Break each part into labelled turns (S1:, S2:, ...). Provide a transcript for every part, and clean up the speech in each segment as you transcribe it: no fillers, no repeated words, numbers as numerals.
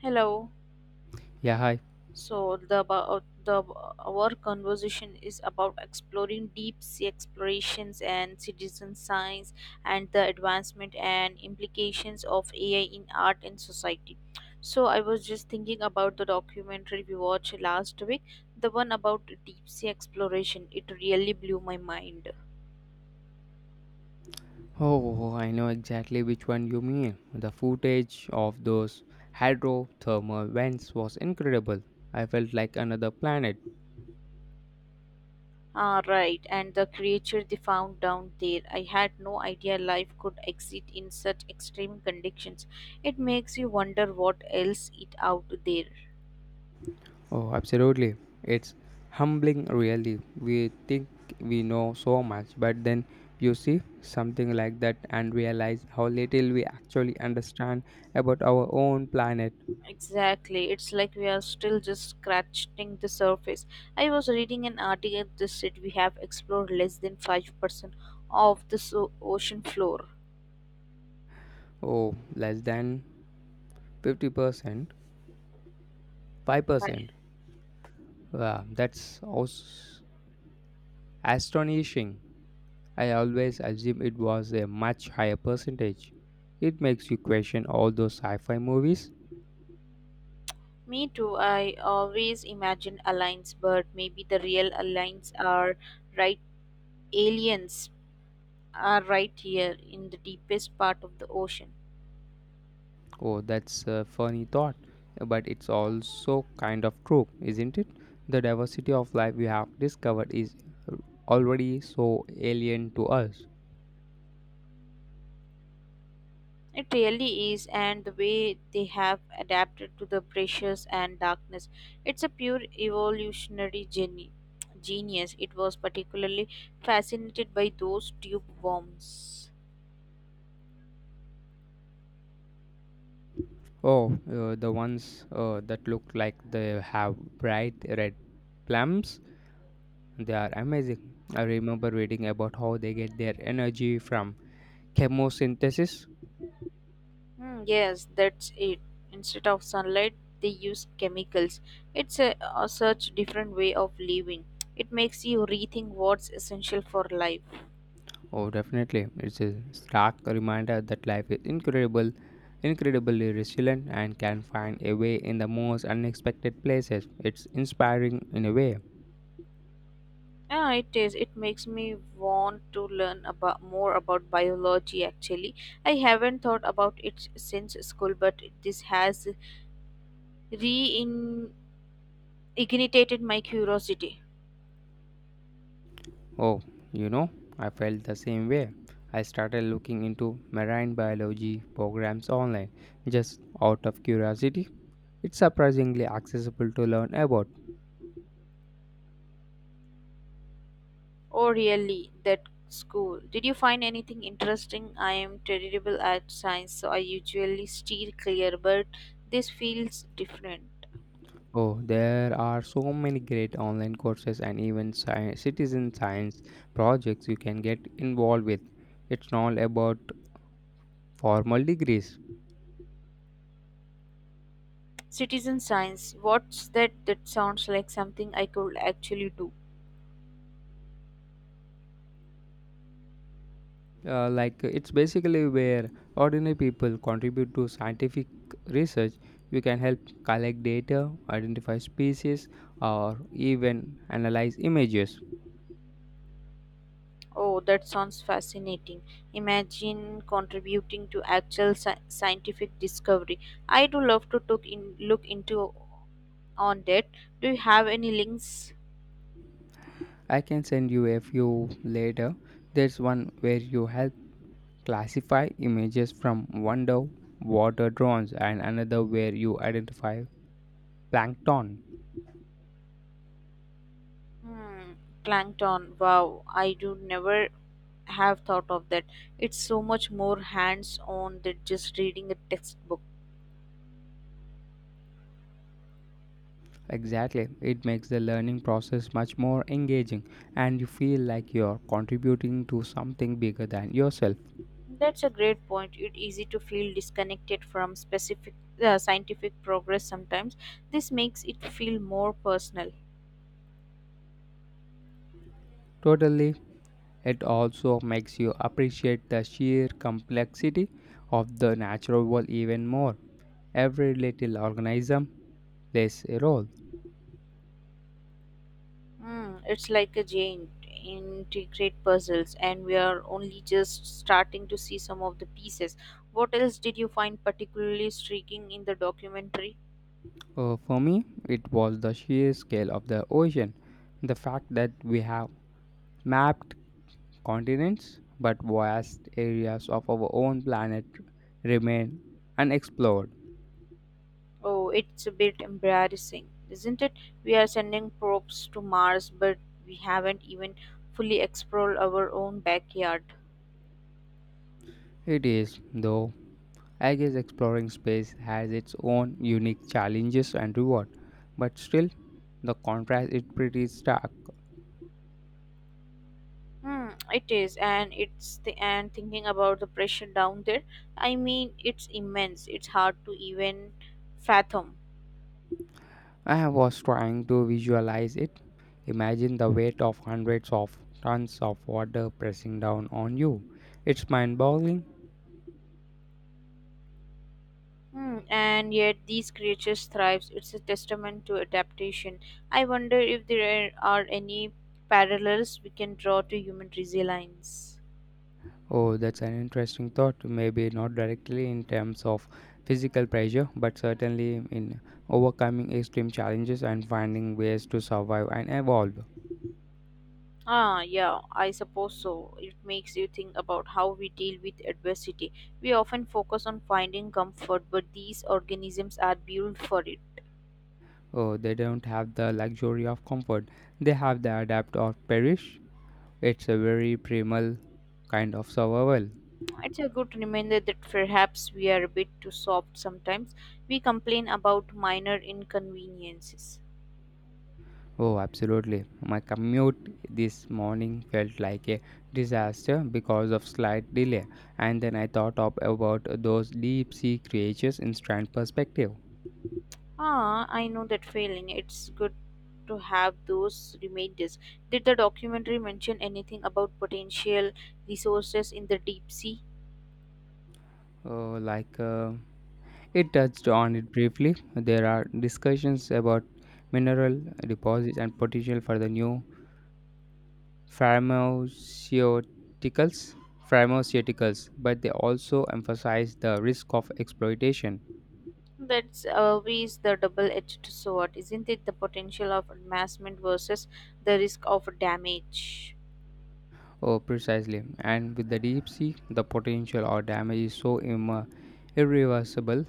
S1: Hello.
S2: Yeah, hi.
S1: So the about the Our conversation is about exploring deep sea explorations and citizen science, and the advancement and implications of AI in art and society. So I was just thinking about the documentary we watched last week, the one about deep sea exploration. It really blew my mind.
S2: Oh, I know exactly which one you mean. The footage of those hydrothermal vents was incredible. I felt like another planet.
S1: Right, and the creature they found down there. I had no idea life could exist in such extreme conditions. It makes you wonder what else is out there.
S2: Oh, absolutely. It's humbling, really. We think we know so much, but then you see something like that and realize how little we actually understand about our own planet.
S1: Exactly, it's like we are still just scratching the surface. I was reading an article that said we have explored less than 5% of the ocean floor.
S2: Oh, less than 50%,
S1: I-
S2: 5%. Wow, that's astonishing. I always assumed it was a much higher percentage. It makes you question all those sci fi movies.
S1: Me too, I always imagined aliens, but maybe the real aliens are right aliens right here in the deepest part of the ocean.
S2: Oh, that's a funny thought, but it's also kind of true, isn't it? The diversity of life we have discovered is already so alien to us.
S1: It really is, and the way they have adapted to the pressures and darkness, it's a pure evolutionary genius. It was particularly fascinated by those tube worms.
S2: Oh, the ones that look like they have bright red plums, they are amazing. I remember reading about how they get their energy from chemosynthesis.
S1: Hmm, yes, that's it. Instead of sunlight, they use chemicals. It's a such different way of living. It makes you rethink what's essential for life.
S2: Oh, definitely. It's a stark reminder that life is incredible, incredibly resilient, and can find a way in the most unexpected places. It's inspiring in a way.
S1: Yeah, it is. It makes me want to learn about more about biology actually. I haven't thought about it since school, but this has reignited my curiosity.
S2: Oh, you know, I felt the same way. I started looking into marine biology programs online just out of curiosity. It's surprisingly accessible to learn about.
S1: Oh, really? That school. Did you find anything interesting? I am terrible at science, so I usually steer clear, but this feels different.
S2: Oh, there are so many great online courses and even citizen science projects you can get involved with. It's not about formal degrees.
S1: Citizen science. What's that? That sounds like something I could actually do.
S2: Like it's basically where ordinary people contribute to scientific research. You can help collect data, identify species, or even analyze images.
S1: Oh, that sounds fascinating. Imagine contributing to actual scientific discovery. I do love to look into on that. Do you have any links?
S2: I can send you a few later. There's one where you help classify images from one the water drones and another where you identify plankton.
S1: Hmm, plankton. Wow, I do never have thought of that. It's so much more hands-on than just reading a textbook.
S2: Exactly. It makes the learning process much more engaging and you feel like you're contributing to something bigger than yourself.
S1: That's a great point. It's easy to feel disconnected from specific scientific progress sometimes. This makes it feel more personal.
S2: Totally. It also makes you appreciate the sheer complexity of the natural world even more. Every little organism plays a role.
S1: Hmm, it's like a giant integrate puzzles, and we are only just starting to see some of the pieces. What else did you find particularly striking in the documentary?
S2: For me, it was the sheer scale of the ocean. The fact that we have mapped continents, but vast areas of our own planet remain unexplored.
S1: Oh, it's a bit embarrassing, isn't it? We are sending probes to Mars, but we haven't even fully explored our own backyard.
S2: It is, though, I guess exploring space has its own unique challenges and reward, but still, the contrast is pretty stark.
S1: Hmm, it is, and it's the and thinking about the pressure down there. I mean, it's immense. It's hard to even fathom.
S2: I was trying to visualize it. Imagine the weight of hundreds of tons of water pressing down on you. It's mind boggling.
S1: Hmm, and yet these creatures thrive. It's a testament to adaptation. I wonder if there are any parallels we can draw to human resilience.
S2: Oh, that's an interesting thought. Maybe not directly in terms of physical pressure, but certainly in overcoming extreme challenges and finding ways to survive and evolve.
S1: Yeah, I suppose so. It makes you think about how we deal with adversity. We often focus on finding comfort, but these organisms are built for it.
S2: Oh, they don't have the luxury of comfort, they have the adapt or perish. It's a very primal kind of survival.
S1: It's a good reminder that perhaps we are a bit too soft sometimes. We complain about minor inconveniences.
S2: Oh, absolutely. My commute this morning felt like a disaster because of slight delay, and then I thought up about those deep sea creatures in strand perspective.
S1: I know that feeling. It's good to have those reminders. Did the documentary mention anything about potential resources in the deep sea?
S2: Uh, like uh, it touched on it briefly. There are discussions about mineral deposits and potential for the new pharmaceuticals. Pharmaceuticals, but they also emphasize the risk of exploitation.
S1: That's always the double-edged sword, isn't it? The potential of amassment versus the risk of damage.
S2: Oh, precisely. And with the deep sea, the potential or damage is so irreversible,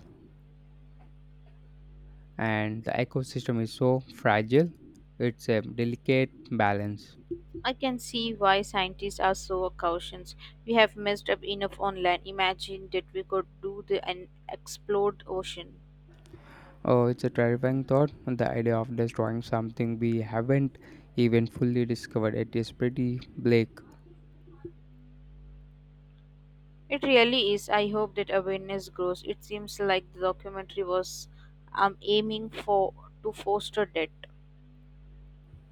S2: and the ecosystem is so fragile. It's a delicate balance.
S1: I can see why scientists are so cautious. We have messed up enough on land. Imagine that we could do the unexplored ocean.
S2: Oh, it's a terrifying thought. The idea of destroying something we haven't even fully discovered. It is pretty bleak.
S1: It really is. I hope that awareness grows. It seems like the documentary was aiming for to foster that.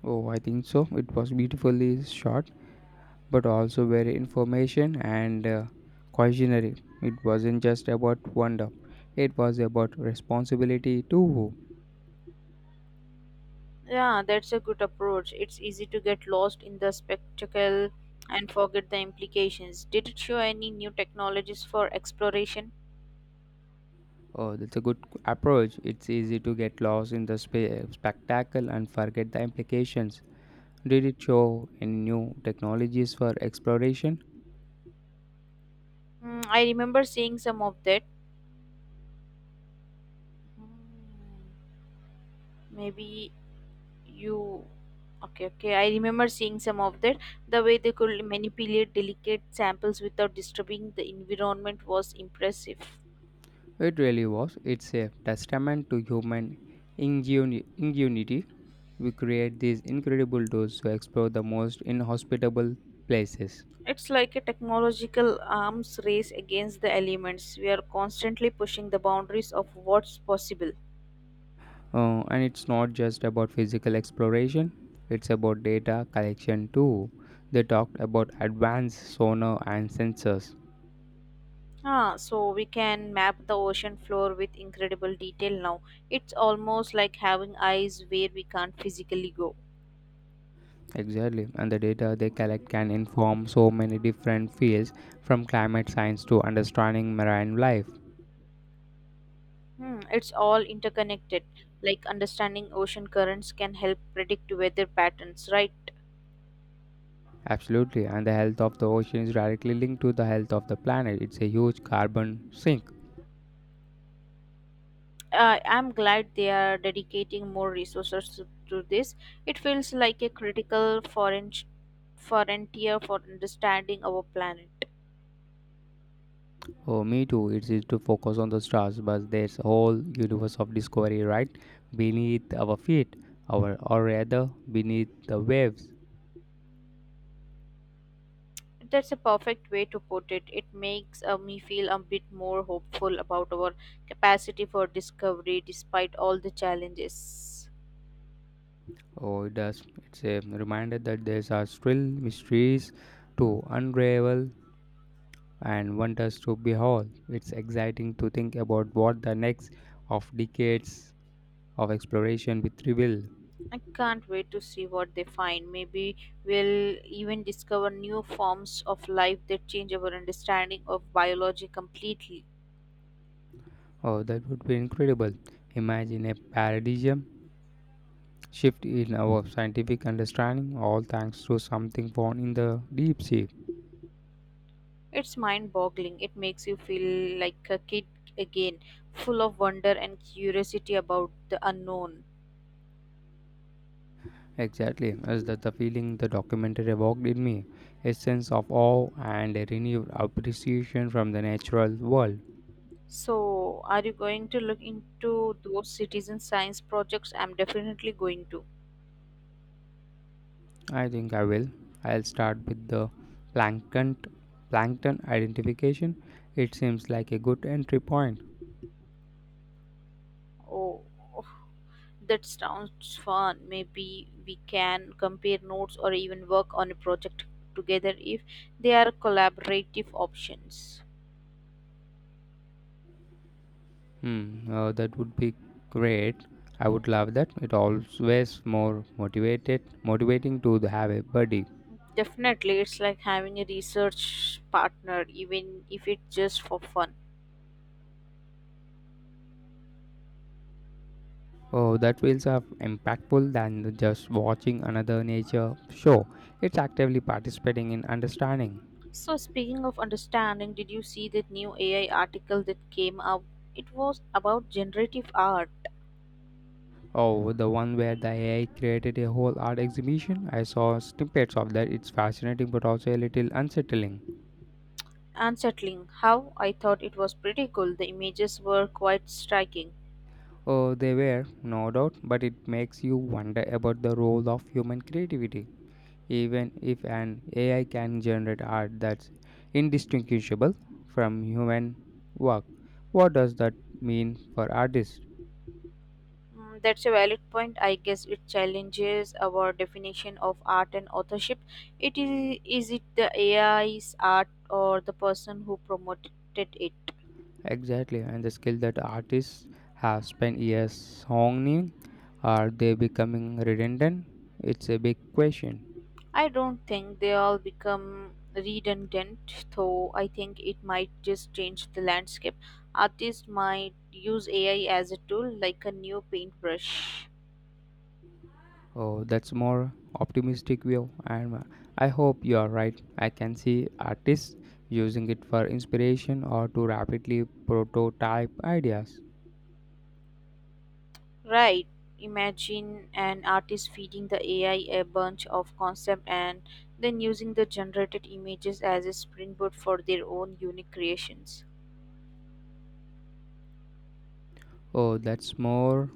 S2: Oh, I think so. It was beautifully shot, but also very information and cautionary. It wasn't just about wonder. It was about responsibility too.
S1: Yeah, that's a good approach. It's easy to get lost in the spectacle and forget the implications. Did it show any new technologies for exploration?
S2: Oh, that's a good approach. It's easy to get lost in the spectacle and forget the implications. Did it show any new technologies for exploration?
S1: Mm, I remember seeing some of that. Hmm, maybe you. Okay, okay. I remember seeing some of that. The way they could manipulate delicate samples without disturbing the environment was impressive.
S2: It really was. It's a testament to human ingenuity. We create these incredible doors to explore the most inhospitable places.
S1: It's like a technological arms race against the elements. We are constantly pushing the boundaries of what's possible.
S2: And it's not just about physical exploration, it's about data collection too. They talked about advanced sonar and sensors.
S1: So we can map the ocean floor with incredible detail now. It's almost like having eyes where we can't physically go.
S2: Exactly, and the data they collect can inform so many different fields from climate science to understanding marine life.
S1: Hmm, it's all interconnected. Like understanding ocean currents can help predict weather patterns, right?
S2: Absolutely, and the health of the ocean is directly linked to the health of the planet. It's a huge carbon sink.
S1: I'm glad they are dedicating more resources to this. It feels like a critical foreign frontier for understanding our planet.
S2: Oh, me too. It's easy to focus on the stars, but there's a whole universe of discovery right beneath our feet, our or rather beneath the waves.
S1: That's a perfect way to put it. It makes me feel a bit more hopeful about our capacity for discovery despite all the challenges.
S2: Oh, it does. It's a reminder that there are still mysteries to unravel and wonders to behold. It's exciting to think about what the next of decades of exploration with reveal.
S1: I can't wait to see what they find. Maybe we'll even discover new forms of life that change our understanding of biology completely.
S2: Oh, that would be incredible. Imagine a paradigm shift in our scientific understanding, all thanks to something found in the deep sea.
S1: It's mind boggling. It makes you feel like a kid again, full of wonder and curiosity about the unknown.
S2: Exactly, is that the feeling the documentary evoked in me? A sense of awe and a renewed appreciation from the natural world.
S1: So, are you going to look into those citizen science projects? I'm definitely going to.
S2: I think I will. I'll start with the plankton plankton identification. It seems like a good entry point.
S1: Oh, oh, that sounds fun. Maybe we can compare notes or even work on a project together if they are collaborative options.
S2: Hmm, that would be great. I would love that. It always more motivating to have a buddy.
S1: Definitely, it's like having a research partner, even if it's just for fun.
S2: Oh, that feels are impactful than just watching another nature show. It's actively participating in understanding.
S1: So, speaking of understanding, did you see that new AI article that came out? It was about generative art.
S2: Oh, the one where the AI created a whole art exhibition? I saw snippets of that. It's fascinating but also a little unsettling.
S1: Unsettling. How? I thought it was pretty cool. The images were quite striking.
S2: Oh, they were, no doubt, but it makes you wonder about the role of human creativity. Even if an AI can generate art that's indistinguishable from human work, what does that mean for artists?
S1: Mm, that's a valid point. I guess it challenges our definition of art and authorship. Is it the AI's art or the person who promoted it?
S2: Exactly, and the skill that artists have spent years honing, are they becoming redundant? It's a big question.
S1: I don't think they all become redundant, though I think it might just change the landscape. Artists might use AI as a tool, like a new paintbrush.
S2: Oh, that's more optimistic view, and I hope you are right. I can see artists using it for inspiration or to rapidly prototype ideas.
S1: Right. Imagine an artist feeding the AI a bunch of concept and then using the generated images as a springboard for their own unique creations.
S2: Oh, that's more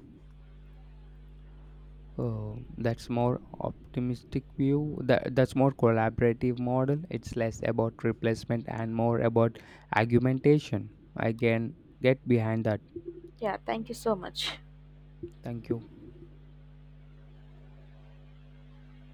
S2: Oh, that's more optimistic view. That's more collaborative model. It's less about replacement and more about argumentation. I can get behind that.
S1: Yeah, thank you so much.
S2: Thank you.